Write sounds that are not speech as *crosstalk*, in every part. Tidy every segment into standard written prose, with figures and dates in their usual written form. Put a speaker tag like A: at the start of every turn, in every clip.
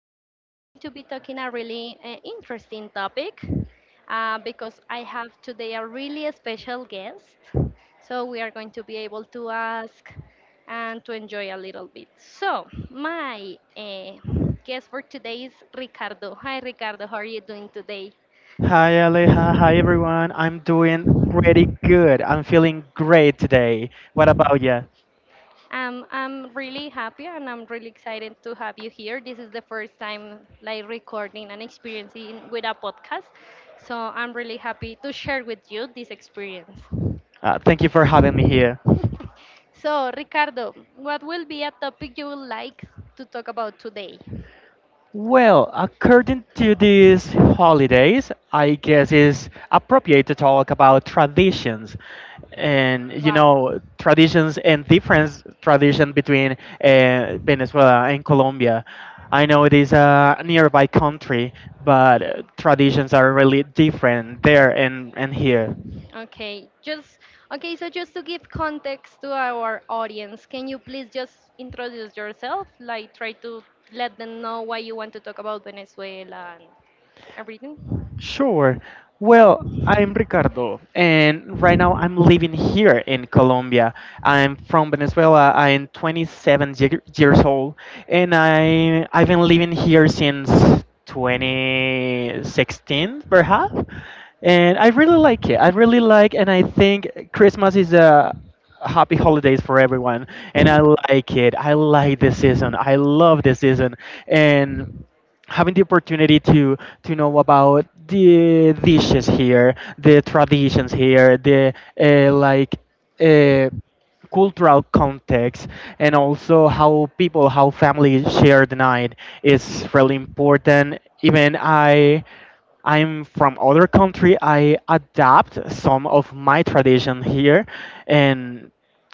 A: Today we are going to be talking a really interesting topic because I have today a really special guest. So we are going to be able to ask and to enjoy a little bit. So my guest for today is Ricardo. Hi Ricardo, how are you doing today?
B: Hi Aleha, hi everyone. I'm doing pretty good. I'm feeling great today. What about you?
A: I'm really happy and I'm really excited to have you here. This is the first time like recording and experiencing with a podcast. So I'm really happy to share with you this experience.
B: Thank you for having me here.
A: So Ricardo, what will be a topic you would like to talk about today?
B: Well, according to these holidays, I guess it's appropriate to talk about traditions and you
A: Wow.
B: know traditions and difference tradition between Venezuela and Colombia. I know it is a nearby country, but traditions are really different there and here.
A: Okay, just okay. So just to give context to our audience, can you please just introduce yourself? Like try to let them know why you want to talk about Venezuela and everything.
B: Sure. Well, I'm Ricardo, and right now I'm living here in Colombia. I'm from Venezuela. I'm 27 years old, and I've been living here since 2016, perhaps. And I really like it. I really like, and I think Christmas is a happy holidays for everyone. And I like it. I like this season. I love this season. And having the opportunity to know about the dishes here, the traditions here, the uh, like uh, cultural context, and also how people, how families share the night is really important. Even I. I'm from other country. I adapt some of my tradition here, and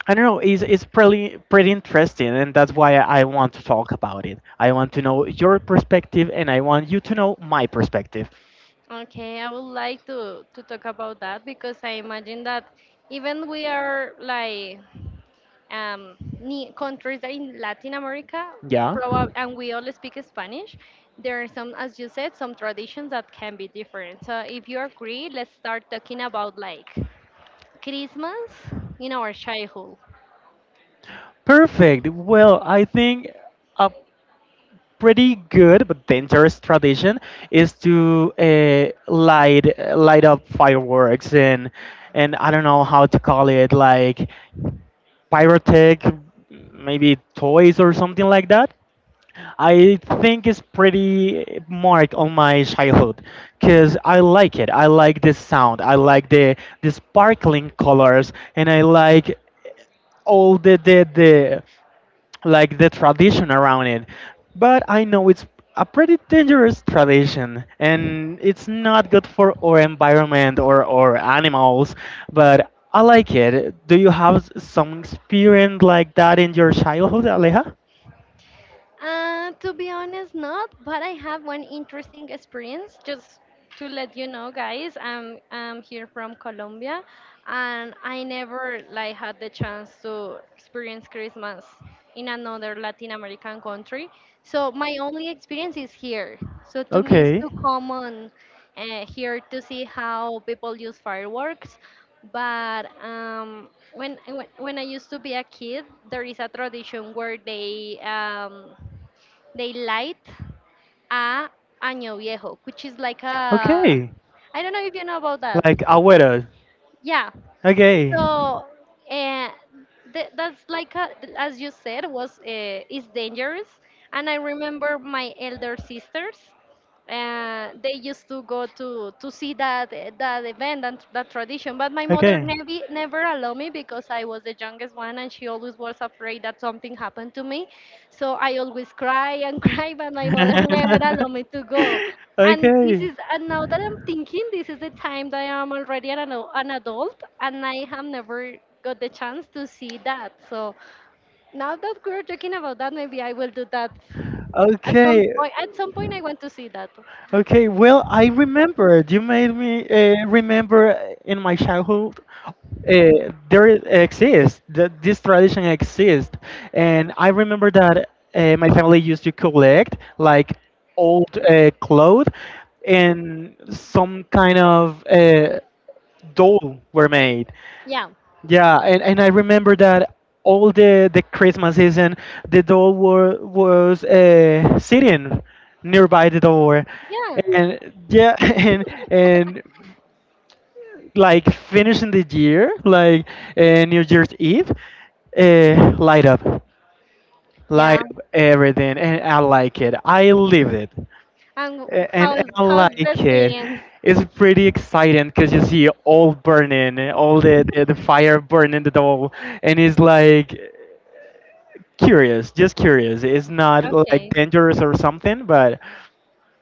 B: I don't know. It's pretty interesting, and that's why I want to talk about it. I want to know your perspective, and I want you to know my perspective.
A: Okay, I would like to talk about that because I imagine that even we are like um, countries that in Latin America,
B: Yeah.
A: and we all speak Spanish, there are some, as you said, some traditions that can be different. So if you agree, let's start talking about like Christmas in our childhood.
B: Perfect. Well, I think a pretty good but dangerous tradition is to light up fireworks and I don't know how to call it like pyrotech, maybe toys or something like that. I think it's pretty marked on my childhood because I like it. I like the sound. I like the sparkling colors, and I like all the tradition around it. But I know it's a pretty dangerous tradition and it's not good for our environment or animals, but I like it. Do you have some experience like that in your childhood, Aleja?
A: To be honest, not, but I have one interesting experience. Just to let you know, guys, I'm here from Colombia, and I never like had the chance to experience Christmas in another Latin American country. So my only experience is here. So to me, it's
B: Okay.
A: too common here to see how people use fireworks. But when I used to be a kid, there is a tradition where they light a Año Viejo, which is like a
B: Okay.
A: I don't know if you know about that.
B: Like Aguero.
A: Yeah,
B: Okay.
A: so, and that's like a, as you said, was is dangerous. And I remember my elder sisters. They used to go to see that event and that tradition, but my mother
B: Okay.
A: never allowed me because I was the youngest one, and she always was afraid that something happened to me. So I always cry and *laughs* cry, but my mother *laughs* never allowed
B: *laughs*
A: me to go. And this
B: Okay.
A: is, and now that I'm thinking, this is the time that I'm already an adult and I have never got the chance to see that. So now that we're talking about that, maybe I will do that at some
B: Okay,
A: point. At some point, I want to see that.
B: Okay, well, I remembered. You made me remember in my childhood. Exists that this tradition exists, and I remember that my family used to collect like old clothes, and some kind of doll were made.
A: Yeah.
B: Yeah, and I remember that all the Christmas season, the doll was sitting nearby the door,
A: Yeah.
B: and yeah, *laughs* and like finishing the year, like New Year's Eve, uh, light up, light
A: Yeah.
B: up everything, and I like it. I lived it.
A: And
B: And
A: how's,
B: I
A: how's the
B: like it.
A: experience?
B: It's pretty exciting because you see all burning, all the fire
A: *laughs*
B: burning the doll, and it's like curious, just curious. It's not like
A: Okay.
B: dangerous or something, but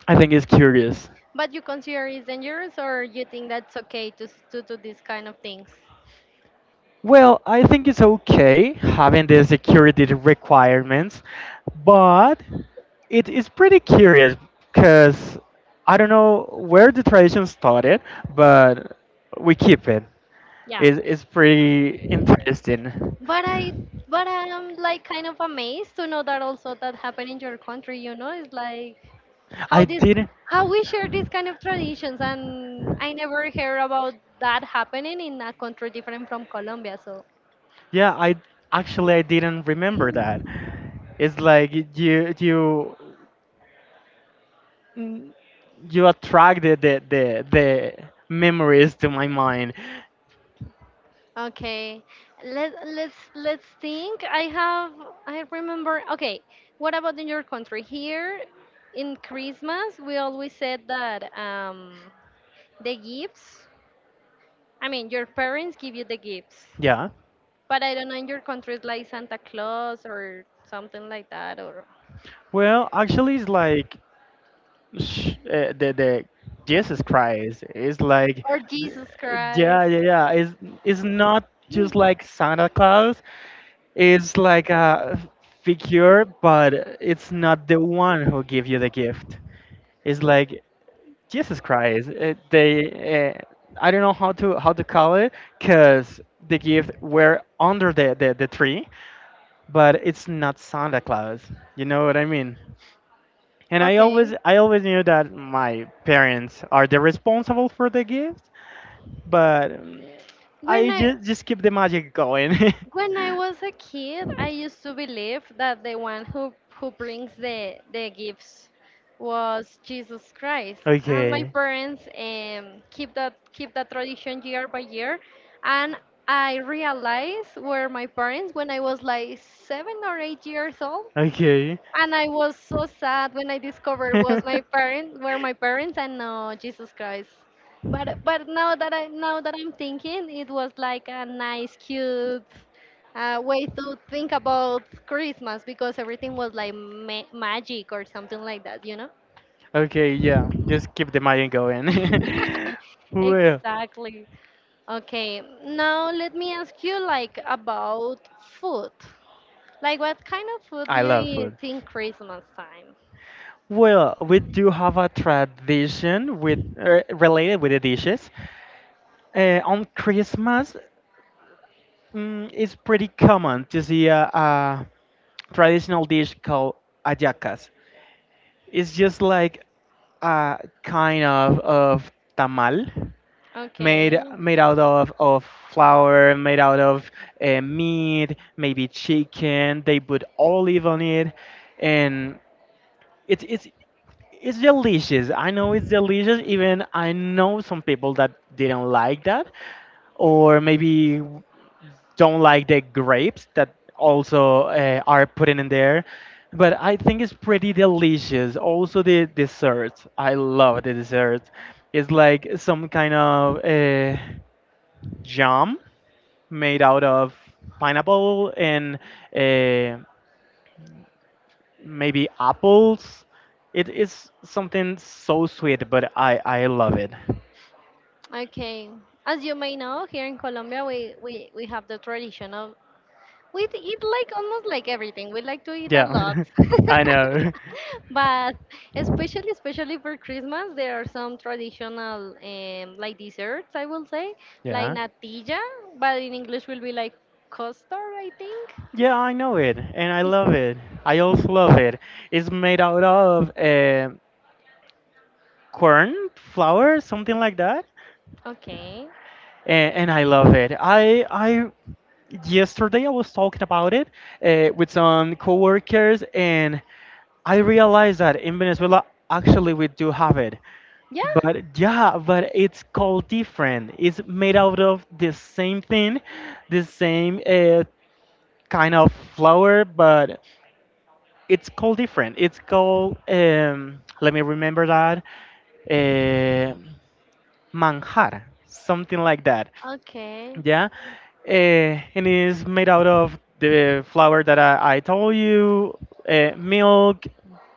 B: I think it's curious.
A: But you consider it's dangerous, or you think that's okay to to do these kind of things?
B: Well, I think it's okay having the security requirements, but it is pretty curious because I don't know where the tradition started, but we keep it.
A: Yeah.
B: It's pretty interesting.
A: But I'm like kind of amazed to know that also that happened in your country. You know, it's like how
B: I
A: this
B: didn't,
A: how we share these kind of traditions, and I never hear about that happening in a country different from Colombia. So
B: Yeah, I actually I didn't remember
A: *clears throat*
B: that. It's like you mm, you attracted the memories to my mind.
A: okay, let's think. I remember. Okay, what about in your country? Here in Christmas, we always said that the gifts. I mean, your parents give you the gifts,
B: Yeah.
A: but I don't know in your country it's like Santa Claus or something like that,
B: Well, actually, it's like sh- the Jesus Christ. It's like,
A: or
B: th-
A: Jesus
B: yeah,
A: Christ.
B: yeah, yeah. It's not just
A: Mm.
B: like Santa Claus. It's like a figure, but it's not the one who give you the gift. It's like Jesus Christ. I don't know how to call it, cause the gift were under the tree, but it's not Santa Claus. You know what I mean? And I
A: Okay.
B: always I always knew that my parents are the responsible for the gift, but
A: When
B: I
A: I
B: just keep the magic going.
A: When I was a kid, I used to believe that the one who brings the gifts was Jesus Christ.
B: *laughs*
A: And my
B: Okay.
A: parents keep that tradition year by year. And I realized were my parents when I was like 7 or 8 years old
B: Okay.
A: and I was so sad when I discovered was
B: *laughs*
A: my parents were my parents and no Jesus Christ. But now that I now that I'm thinking, it was like a nice, cute way to think about Christmas because everything was like magic or something like that, you know.
B: Okay, yeah. Just keep the magic going.
A: *laughs*
B: *laughs* Well,
A: Exactly. Okay, now let me ask you like about food. Like what kind of food do
B: I
A: you
B: love
A: eat
B: food.
A: in Christmas time?
B: Well, we do have a tradition with related with the dishes. On Christmas, it's pretty common to see a traditional dish called ayacas. It's just like a kind of tamal
A: Okay.
B: made out of flour, made out of meat, maybe chicken. They put olive on it, and it's it's it's delicious. I know it's delicious. Even I know some people that didn't like that, or maybe don't like the grapes that also are put in there. But I think it's pretty delicious. Also the desserts. I love the desserts. It's like some kind of jam made out of pineapple and uh, maybe apples. It is something so sweet, but I love it.
A: Okay. As you may know, here in Colombia, we have the tradition of eat like almost like everything. We like to eat a lot,
B: Yeah, *laughs* I know.
A: *laughs* but especially for Christmas, there are some traditional like desserts. I will say
B: *laughs*
A: like
B: Yeah.
A: natilla, but in English will be like custard. I think.
B: Yeah, I know it, and I
A: Is
B: love it. I also love it. It's made out of corn flour, something like that,
A: okay.
B: and, I love it. I yesterday I was talking about it with some coworkers, and I realized that in Venezuela actually we do have it.
A: Yeah.
B: But yeah, but it's called different. It's made out of the same thing, the same kind of flour, but it's called different. It's called let me remember that uh, manjar, something like that.
A: Okay.
B: Yeah, and it's made out of the flour that I told you, milk,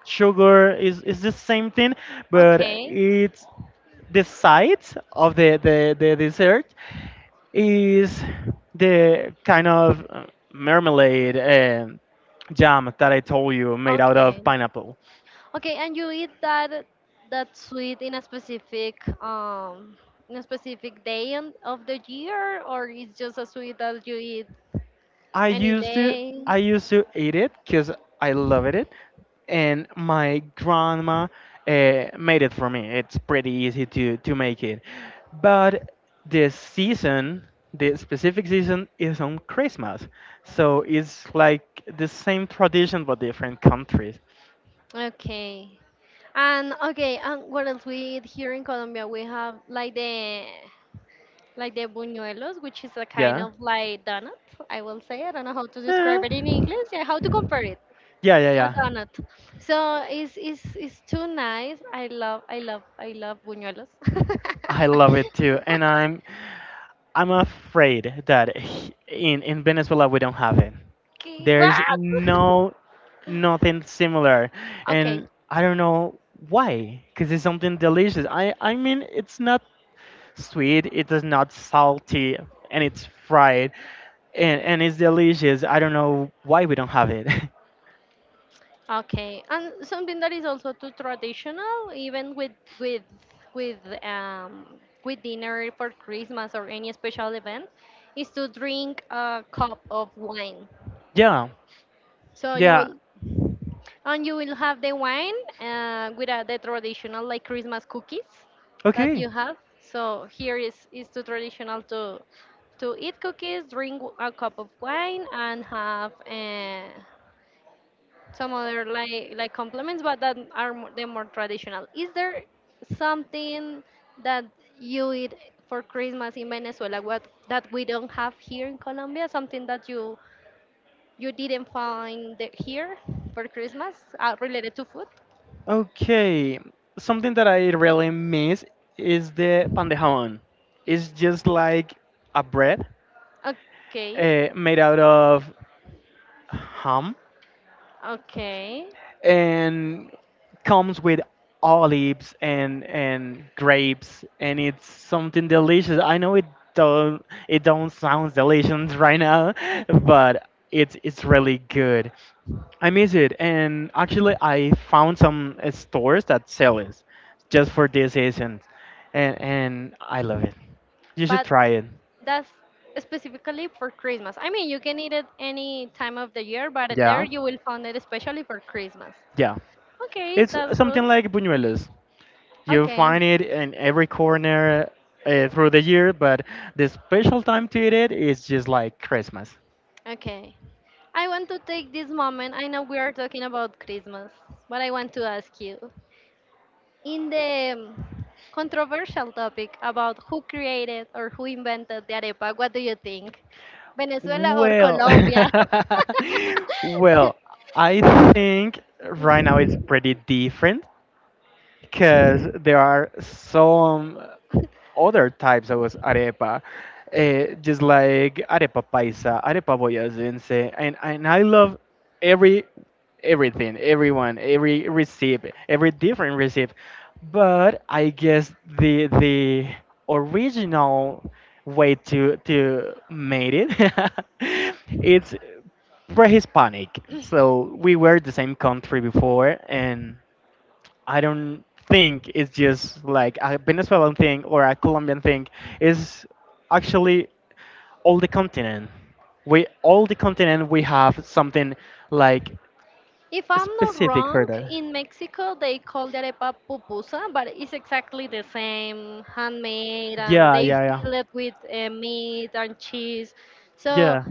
B: sugar is the same thing, but
A: Okay.
B: it's the side of the dessert is the kind of marmalade. Jam that I told you made out
A: Okay.
B: of pineapple.
A: Okay, and you eat that that sweet in a specific day of the year, or it's just a sweet that you eat
B: I
A: any
B: used to
A: day?
B: I used to eat it because I loved it, and my grandma made it for me. It's pretty easy to make it, but the season, the specific season, is on Christmas, so it's like the same tradition but different countries.
A: Okay. And okay, and what else we eat here in Colombia? We have like the buñuelos, which is a kind
B: Yeah.
A: of like donut, I will say. I don't know how to
B: Eh.
A: describe it in English. Yeah, how to compare it?
B: Yeah, yeah,
A: A
B: yeah.
A: donut. So it's too nice. I love, I love, I love buñuelos.
B: I
A: *laughs*
B: love it too, and I'm afraid that in Venezuela we don't have it.
A: Okay,
B: There's
A: what?
B: no Nothing similar,
A: Okay,
B: and I don't know why. Because it's something delicious. I mean it's not sweet. It is not salty, and it's fried, and it's delicious. I don't know why we don't have it.
A: okay, and something that is also too traditional, even with with um with dinner for Christmas or any special event, is to drink a cup of wine.
B: *laughs* Yeah,
A: So you
B: yeah.
A: will and you will have the wine with the traditional like Christmas cookies that
B: Okay,
A: you have. So here is too traditional to eat cookies, drink a cup of wine, and have some other like compliments, but that are the more traditional. Is there something that you eat for Christmas in Venezuela what that we don't have here in Colombia? Something that you didn't find here for Christmas related to food?
B: okay. Something that I really miss is the pan de jamón. It's just like a bread
A: Okay,
B: made out of ham
A: okay.
B: and comes with olives and grapes and it's something delicious. I know it don't sound delicious *laughs* right now, but it's really good. I miss it and actually I found some stores that sell it just for this season and I love it. You should
A: But
B: try it.
A: that's specifically for Christmas. I mean, you can eat it any time of the year, but there
B: Yeah.
A: you will find it especially for Christmas.
B: Yeah.
A: Okay,
B: It's
A: that's good.
B: something like buñuelos. You
A: Okay,
B: find it in every corner through the year, but the special time to eat it is just like Christmas.
A: okay. I want to take this moment. I know we are talking about Christmas, but I want to ask you in the controversial topic about who created or who invented the arepa, what do you think? Venezuela or
B: Well,
A: Colombia?
B: *laughs* well,
A: *laughs*
B: I think right now it's pretty different because there are some other types of arepa, eh, just like arepa paisa, arepa boyacense, and I love every everything, everyone, every recipe, every different recipe, but I guess the original way to made it *laughs* it's pre-Hispanic. So we were the same country before, and I don't think it's just like a Venezuelan thing or a Colombian thing. It's actually all the continent. We all The continent we have something like
A: If I'm not
B: specific for
A: wrong,
B: that.
A: in Mexico they call the arepa pupusa, but it's exactly the same, handmade, and
B: Yeah,
A: they
B: yeah, yeah.
A: fill it with meat and cheese. So
B: Yeah.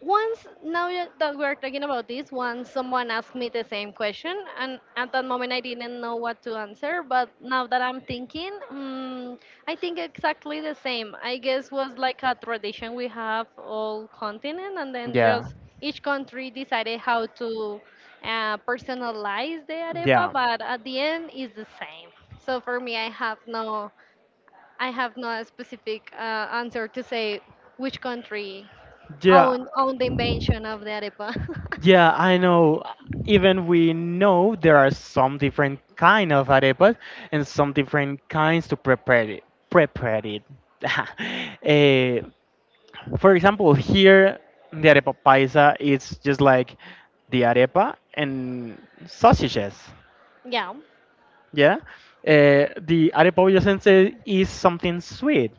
A: once that we're talking about this once someone asked me the same question and at that moment I didn't know what to answer but now that I'm thinking, I think exactly the same I guess was like a tradition we have all continent and then
B: Yeah.
A: just each country decided how to personalize the arepa
B: Yeah.
A: but at the end is the same so for me I have not a specific answer to say which country
B: Yeah.
A: owned the invention of the arepa.
B: Yeah, I know. Even we know there are some different kind of arepas and some different kinds to prepare it. Prepare it. *laughs* Eh, for example, here the arepa paisa is just like the arepa and sausages.
A: *laughs* yeah,
B: Yeah, eh, the arepa boyacense is something sweet.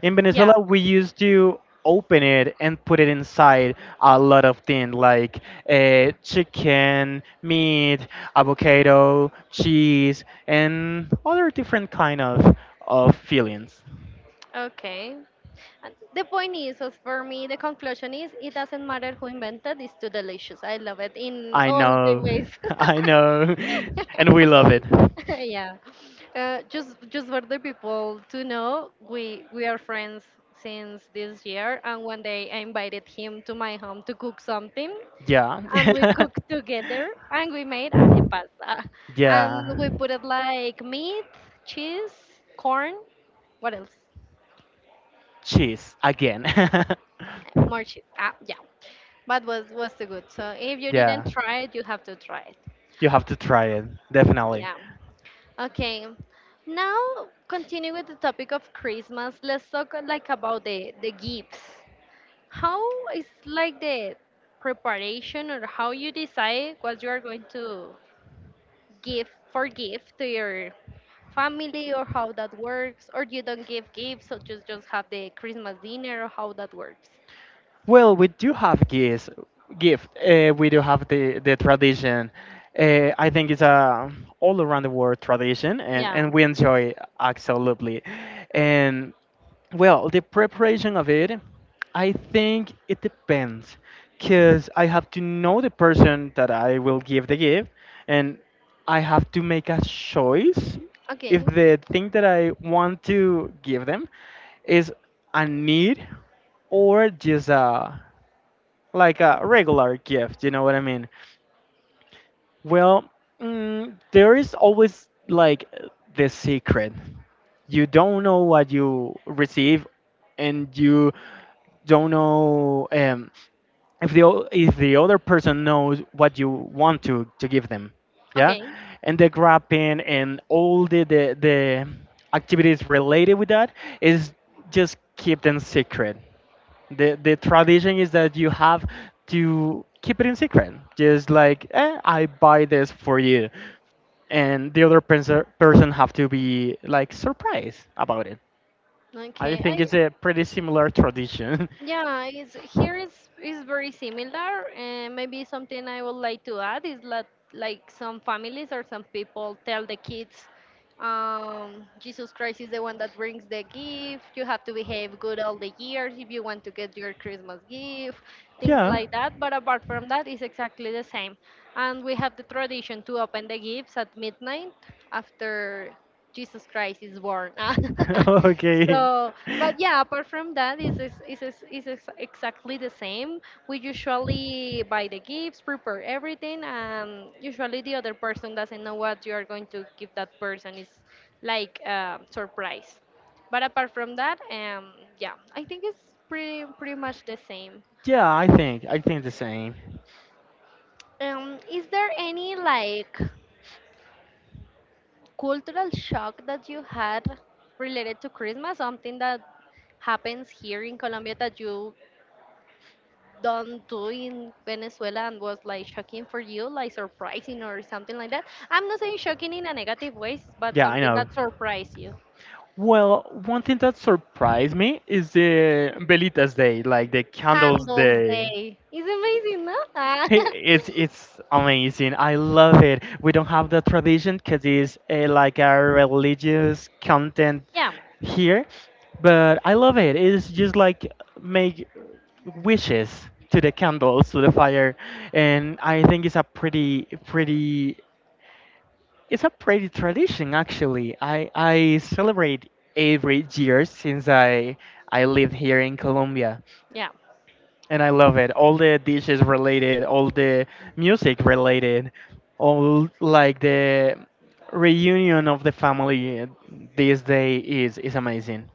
B: In
A: yeah,
B: Venezuela, we used to open it and put it inside a lot of things like chicken, meat, avocado, cheese, and other different kind of fillings.
A: okay. And the point is, as for me, the conclusion is it doesn't matter who invented. It's too delicious. I love it in
B: I
A: all the
B: know,
A: ways.
B: *laughs* I know, *laughs* and we love
A: *laughs*
B: it.
A: yeah, just for the people to know, we are friends since this year, and one day I invited him to my home to cook something
B: Yeah,
A: and we cooked together and we made arepas.
B: *laughs*
A: And
B: yeah.
A: we put it like meat, cheese, corn. What else?
B: Cheese again. *laughs*
A: More cheese. Ah, yeah. But was too good. So if you
B: Yeah,
A: didn't try it, you have to try it.
B: you have to try it definitely.
A: Yeah. Okay. Now continue with the topic of Christmas. Let's talk like about the gifts. How is like the preparation or how you decide what you are going to give for gift to your family or how that works, or you don't give gifts, so just have the Christmas dinner or how that works.
B: Well, we do have gifts. Gift. We do have the tradition. I think it's a all around the world tradition, and
A: Yeah.
B: we enjoy absolutely. And well, the preparation of it, I think it depends, because I have to know the person that I will give the gift, and I have to make a choice if
A: Okay.
B: the thing that I want to give them is a need or just a like a regular gift. You know what I mean? Well, there is always like the secret. You don't know what you receive, and you don't know if the other person knows what you want to give them. Yeah,
A: Okay.
B: and the grapping and all the activities related with that is just keep them secret. The tradition is that you have to keep it in secret, just like eh, I buy this for you, and the other person have to be like surprised about it. I
A: Okay,
B: think
A: I
B: it's a pretty similar tradition.
A: yeah, it's here is very similar, and maybe something I would like to add is that like some families or some people tell the kids, Jesus Christ is the one that brings the gift. You have to behave good all the years if you want to get your Christmas gift,
B: *laughs*
A: things
B: Yeah.
A: like that. But apart from that, it's exactly the same, and we have the tradition to open the gifts at midnight after Jesus Christ is born. *laughs*
B: *laughs* Okay.
A: so, but yeah, apart from that, exactly the same. We usually buy the gifts, prepare everything, and usually the other person doesn't know what you are going to give that person. It's like a surprise. But apart from that, yeah, I think it's pretty much the same.
B: Yeah, I think the same.
A: Is there any like cultural shock that you had related to Christmas, something that happens here in Colombia that you don't do in Venezuela and was like shocking for you, like surprising or something like that. I'm not saying shocking in a negative way, but
B: Yeah, I
A: something
B: know.
A: that surprised you.
B: Well, one thing that surprised me is the Velitas Day, like the candles
A: Candles
B: day.
A: Day. Is amazing, no? Ah.
B: Hey, It's amazing. I love it. We don't have the tradition because it's like a religious content
A: *laughs* yeah,
B: here, but I love it. It's just like make wishes to the candles, to the fire, and I think it's a pretty pretty it's a pretty tradition, actually. I celebrate every year since I live here in Colombia,
A: yeah.
B: and I love it. All the dishes related, all the music related, all like the reunion of the family this day is amazing.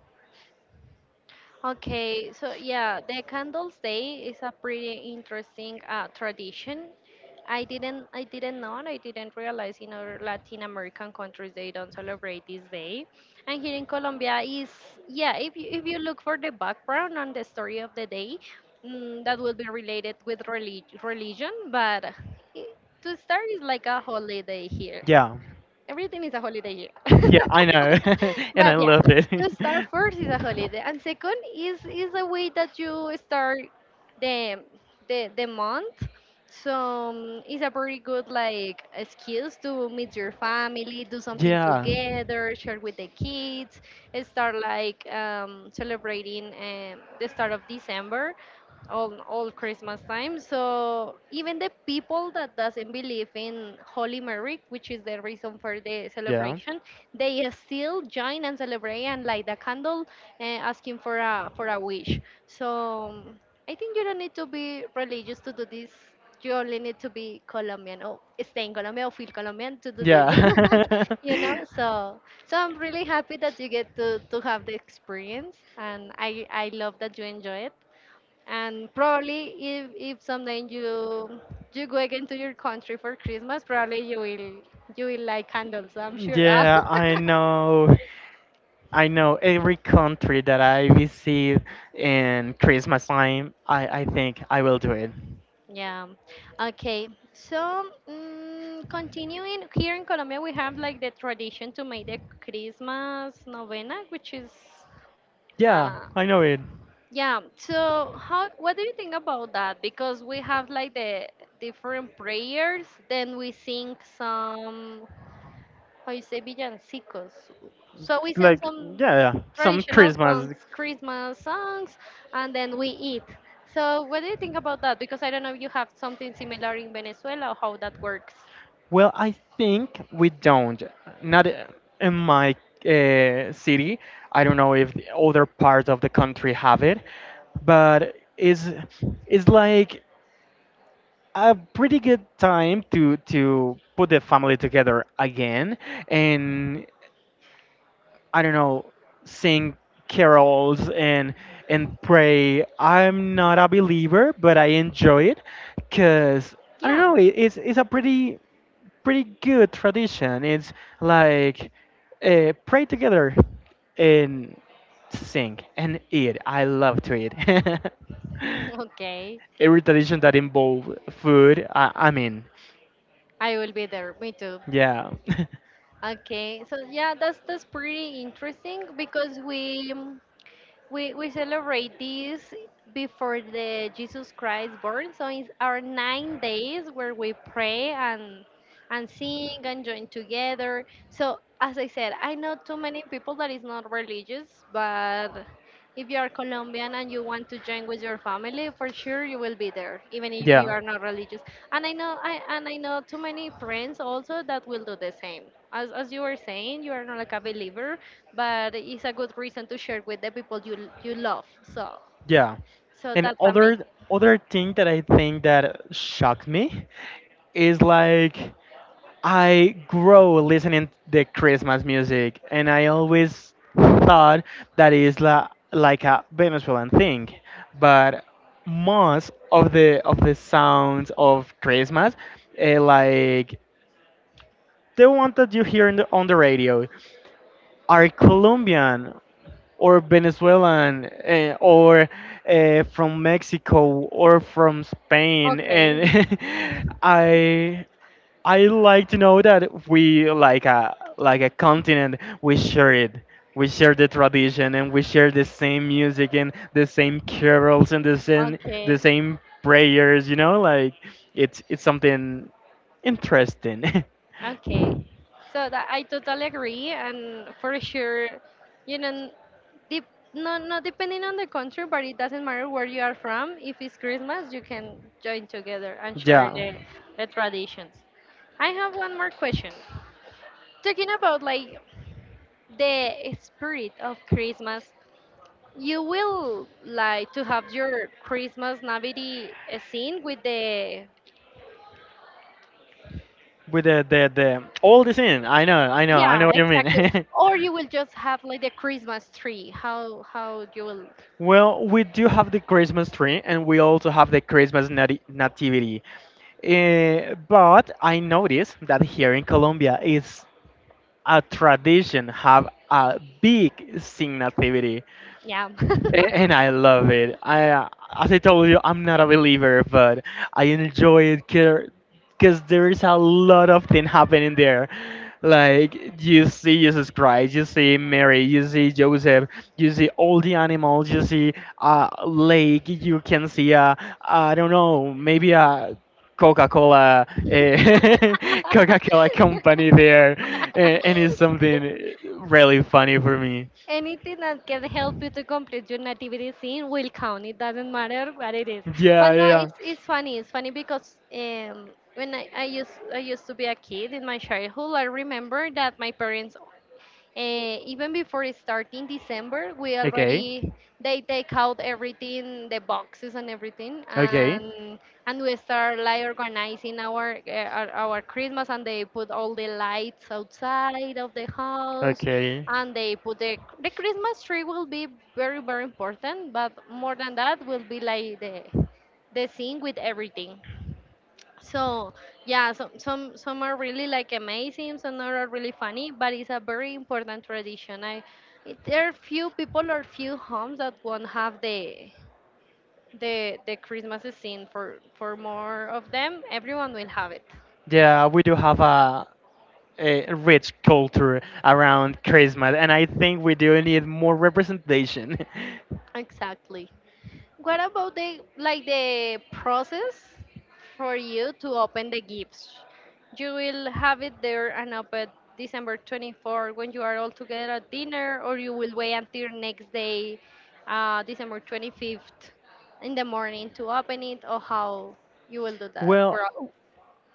A: Okay, so yeah, the Candles Day is a pretty interesting tradition. I didn't know, and I didn't realize in other Latin American countries they don't celebrate this day. And here in Colombia is, yeah, if you look for the background and the story of the day, that will be related with religion, but it, to start is like a holiday here.
B: Yeah,
A: Everything is a holiday here. *laughs*
B: yeah, I know, *laughs* and I
A: But yeah,
B: love it.
A: to start, first is a holiday and second is a way that you start the the month. So it's
B: *laughs*
A: a very good like excuse to meet your family, do something
B: Yeah.
A: together, share with the kids and start like celebrating the start of December, all Christmas time. So even the people that doesn't believe in Holy Mary, which is the reason for the
B: Yeah.
A: celebration, they still join and celebrate and light a candle and asking for a wish. So I think you don't need to be religious to do this. You only need to be Colombian or stay in Colombia or feel Colombian to do this.
B: Yeah.
A: *laughs* you know,
B: *laughs*
A: so so I'm really happy that you get to have the experience, and I love that you enjoy it. And probably if someday you you go again to your country for Christmas, probably you will like candles. I'm sure.
B: Yeah,
A: *laughs*
B: I know. I know every country that I visit in Christmas time, I think I will do it.
A: Yeah. Okay. So, continuing here in Colombia, we have like the tradition to make the Christmas novena, which is,
B: Yeah,
A: uh,
B: I know it.
A: yeah. So, how? What do you think about that? Because we have like the different prayers, then we sing some hoy se villancicos. So we sing
B: Like,
A: some
B: yeah, yeah, some
A: traditional songs,
B: Christmas.
A: Christmas songs, and then we eat. So what do you think about that? Because I don't know if you have something similar in Venezuela or how that works.
B: Well, I think we don't. Not in my city. I don't know if the other parts of the country have it, but it's like a pretty good time to put the family together again and I don't know, sing carols and pray. I'm not a believer, but I enjoy it because I don't
A: Yeah.
B: know. It,
A: *laughs*
B: it's it's a pretty good tradition. It's like pray together and sing and eat. I love to eat. *laughs*
A: Okay.
B: Every tradition that involve food, I mean,
A: I will be there. Me too.
B: yeah,
A: Okay. So yeah, that's pretty interesting because we we celebrate this before the Jesus Christ born. So it's our 9 days where we pray and sing and join together. So as I said, I know too many people that is not religious, but if you are Colombian and you want to join with your family, for sure you will be there, even
B: *laughs*
A: if you
B: yeah.
A: are not religious. And I know too many friends also that will do the same. As you were saying, you are not like a believer, but it's a good reason to share with the people you you love. So
B: Yeah.
A: so
B: And
A: that's amazing.
B: other thing that I think that shocked me is like I grow listening the Christmas music and I always thought that is la, like a Venezuelan thing. But most of the sounds of Christmas like the one that you hear in on the radio are Colombian or Venezuelan or from Mexico or from Spain, and
A: Okay.
B: *laughs* I I like to know that we like a continent we share it. We share the tradition and we share the same music and the same carols and the
A: Okay.
B: same prayers. You know, like it's something interesting.
A: Okay, so that I totally agree, and for sure, you know, dep not depending on the country, but it doesn't matter where you are from. If it's Christmas, you can join together and share
B: *laughs* yeah,
A: the traditions. I have one more question. Talking about like the spirit of Christmas, you will like to have your Christmas nativity scene with the
B: with the all the scene. I know, I know, I know
A: Yeah,
B: what you
A: exactly.
B: mean.
A: Or you will just have like the Christmas tree. How you will
B: *laughs* well, we do have the Christmas tree, and we also have the Christmas nati- nativity. Eh, but I noticed that here in Colombia is a tradition have a big sing nativity.
A: yeah. *laughs*
B: A- and I love it. As I told you, I'm not a believer, but I enjoy it because there is a lot of things happening there. Like you see Jesus Christ, you see Mary, you see Joseph, you see all the animals, you see a lake, you can see a I don't know, maybe a Coca-Cola, *laughs* Coca-Cola company there, a- and it's something really funny for me.
A: Anything that can help you to complete your nativity scene will count. It doesn't matter what it is. But
B: Yeah, yeah,
A: no,
B: yeah.
A: it's funny. It's funny because when I used to be a kid in my childhood, I remember that my parents Eh, even before it starts in December, we
B: Okay,
A: already they take out everything, the boxes and everything,
B: okay,
A: and we start like organizing our our Christmas, and they put all the lights outside of the house,
B: okay.
A: and they put the Christmas tree will be very very important, but more than that will be like the thing with everything. So yeah, some are really like amazing, some are really funny, but it's a very important tradition. I it, there are few people or few homes that won't have the Christmas scene for more of them. Everyone will have it.
B: Yeah, we do have a rich culture around Christmas, and I think we do need more representation. *laughs*
A: Exactly. What about the like the process for you to open the gifts? You will have it there and up at December 24th when you are all together at dinner, or you will wait until next day, December 25th in the morning to open it, or how you will do that?
B: Well,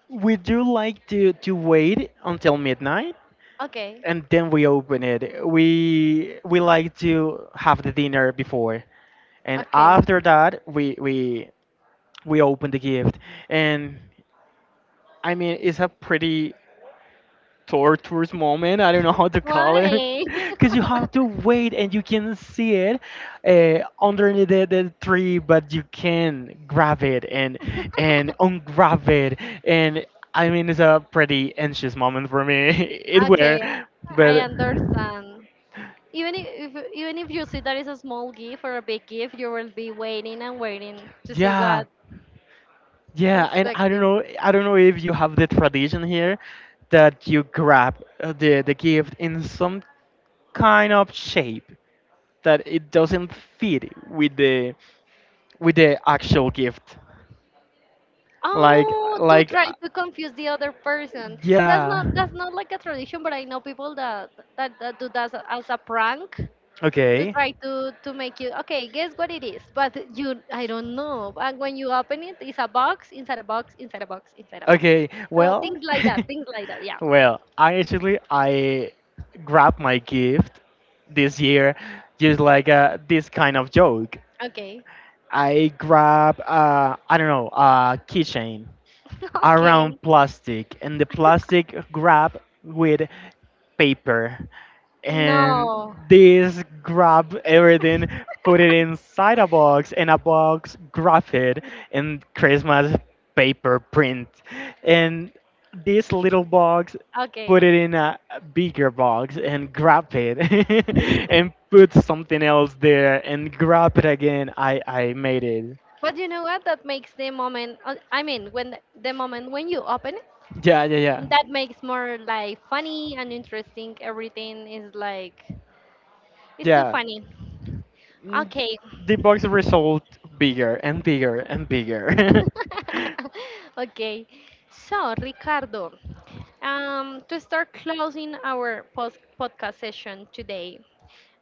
B: would you like to wait until midnight
A: Okay,
B: and then we open it? We like to have the dinner before, and
A: okay.
B: after that we we open the gift. And I mean, it's a pretty torturous moment. I don't know how to call it. *laughs*
A: Why? *laughs*
B: Because you have to wait and you can see it underneath the tree, but you can grab it and ungrab it. And I mean, it's a pretty anxious moment for me. *laughs* it were,
A: Okay, I
B: but
A: understand. If even if you see that it's a small gift or a big gift, you will be waiting and waiting to see
B: yeah,
A: what
B: yeah. And
A: Expecting.
B: I don't know if you have the tradition here that you grab the gift in some kind of shape that it doesn't fit with the actual gift. Like,
A: Oh, to
B: like,
A: try to confuse the other person. That's
B: yeah.
A: not that's not like a tradition, but I know people that that do that as a prank to
B: Okay,
A: try to make you okay. Guess what it is? But you, I don't know. And when you open it, it's a box inside a box inside a box inside a box.
B: okay.
A: So things
B: Well,
A: like that, things like that. Yeah.
B: *laughs* well, I actually I grabbed my gift this year, just like this kind of joke.
A: Okay.
B: I grab I don't know a keychain
A: *laughs* okay.
B: around plastic, and the plastic grab with paper, and
A: No.
B: this grab everything, put it inside a box, and a box graph it in christmas paper print, and this little box
A: Okay.
B: put it in a bigger box and grab it, *laughs* and put something else there and grab it again, I made it.
A: But you know what? That makes the moment. I mean, when the moment when you open it,
B: Yeah, yeah, yeah,
A: that makes more like funny and interesting. Everything is like it's too
B: yeah.
A: funny.
B: Mm,
A: Okay.
B: the box result bigger and bigger and bigger. *laughs*
A: *laughs* okay. So Ricardo, to start closing our post podcast session today,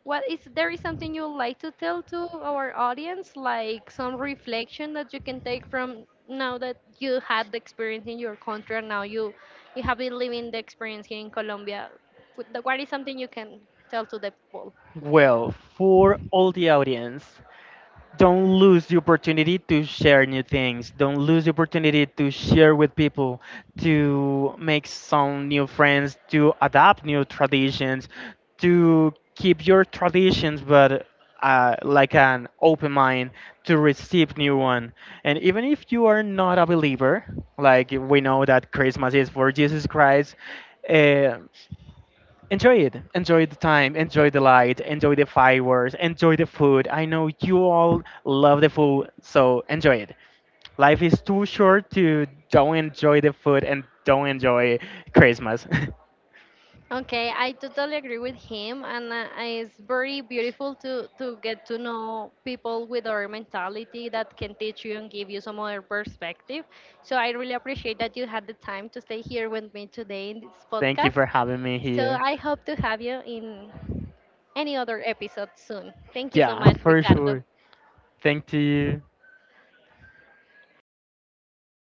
A: What is there is something you would like to tell to our audience, like some reflection that you can take from now that you had the experience in your country and now you have been living the experience here in Colombia? What is something you can tell to the people?
B: Well, for all the audience, don't lose the opportunity to share new things. Don't lose the opportunity to share with people, to make some new friends, to adapt new traditions, to keep your traditions, but like an open mind to receive new one. And even if you are not a believer, like we know that Christmas is for Jesus Christ, uh, enjoy it, enjoy the time, enjoy the light, enjoy the fireworks, enjoy the food. I know you all love the food so enjoy it. Life is too short to don't enjoy the food and don't enjoy christmas. *laughs*
A: Okay, I totally agree with him, and it's very beautiful to get to know people with our mentality that can teach you and give you some other perspective. So I really appreciate that you had the time to stay here with me today in this
B: Thank you
A: podcast.
B: for having me
A: So
B: here.
A: I hope to have you in any other episode soon. Thank you so
B: Yeah,
A: much,
B: for
A: Ricardo.
B: sure, thank to you.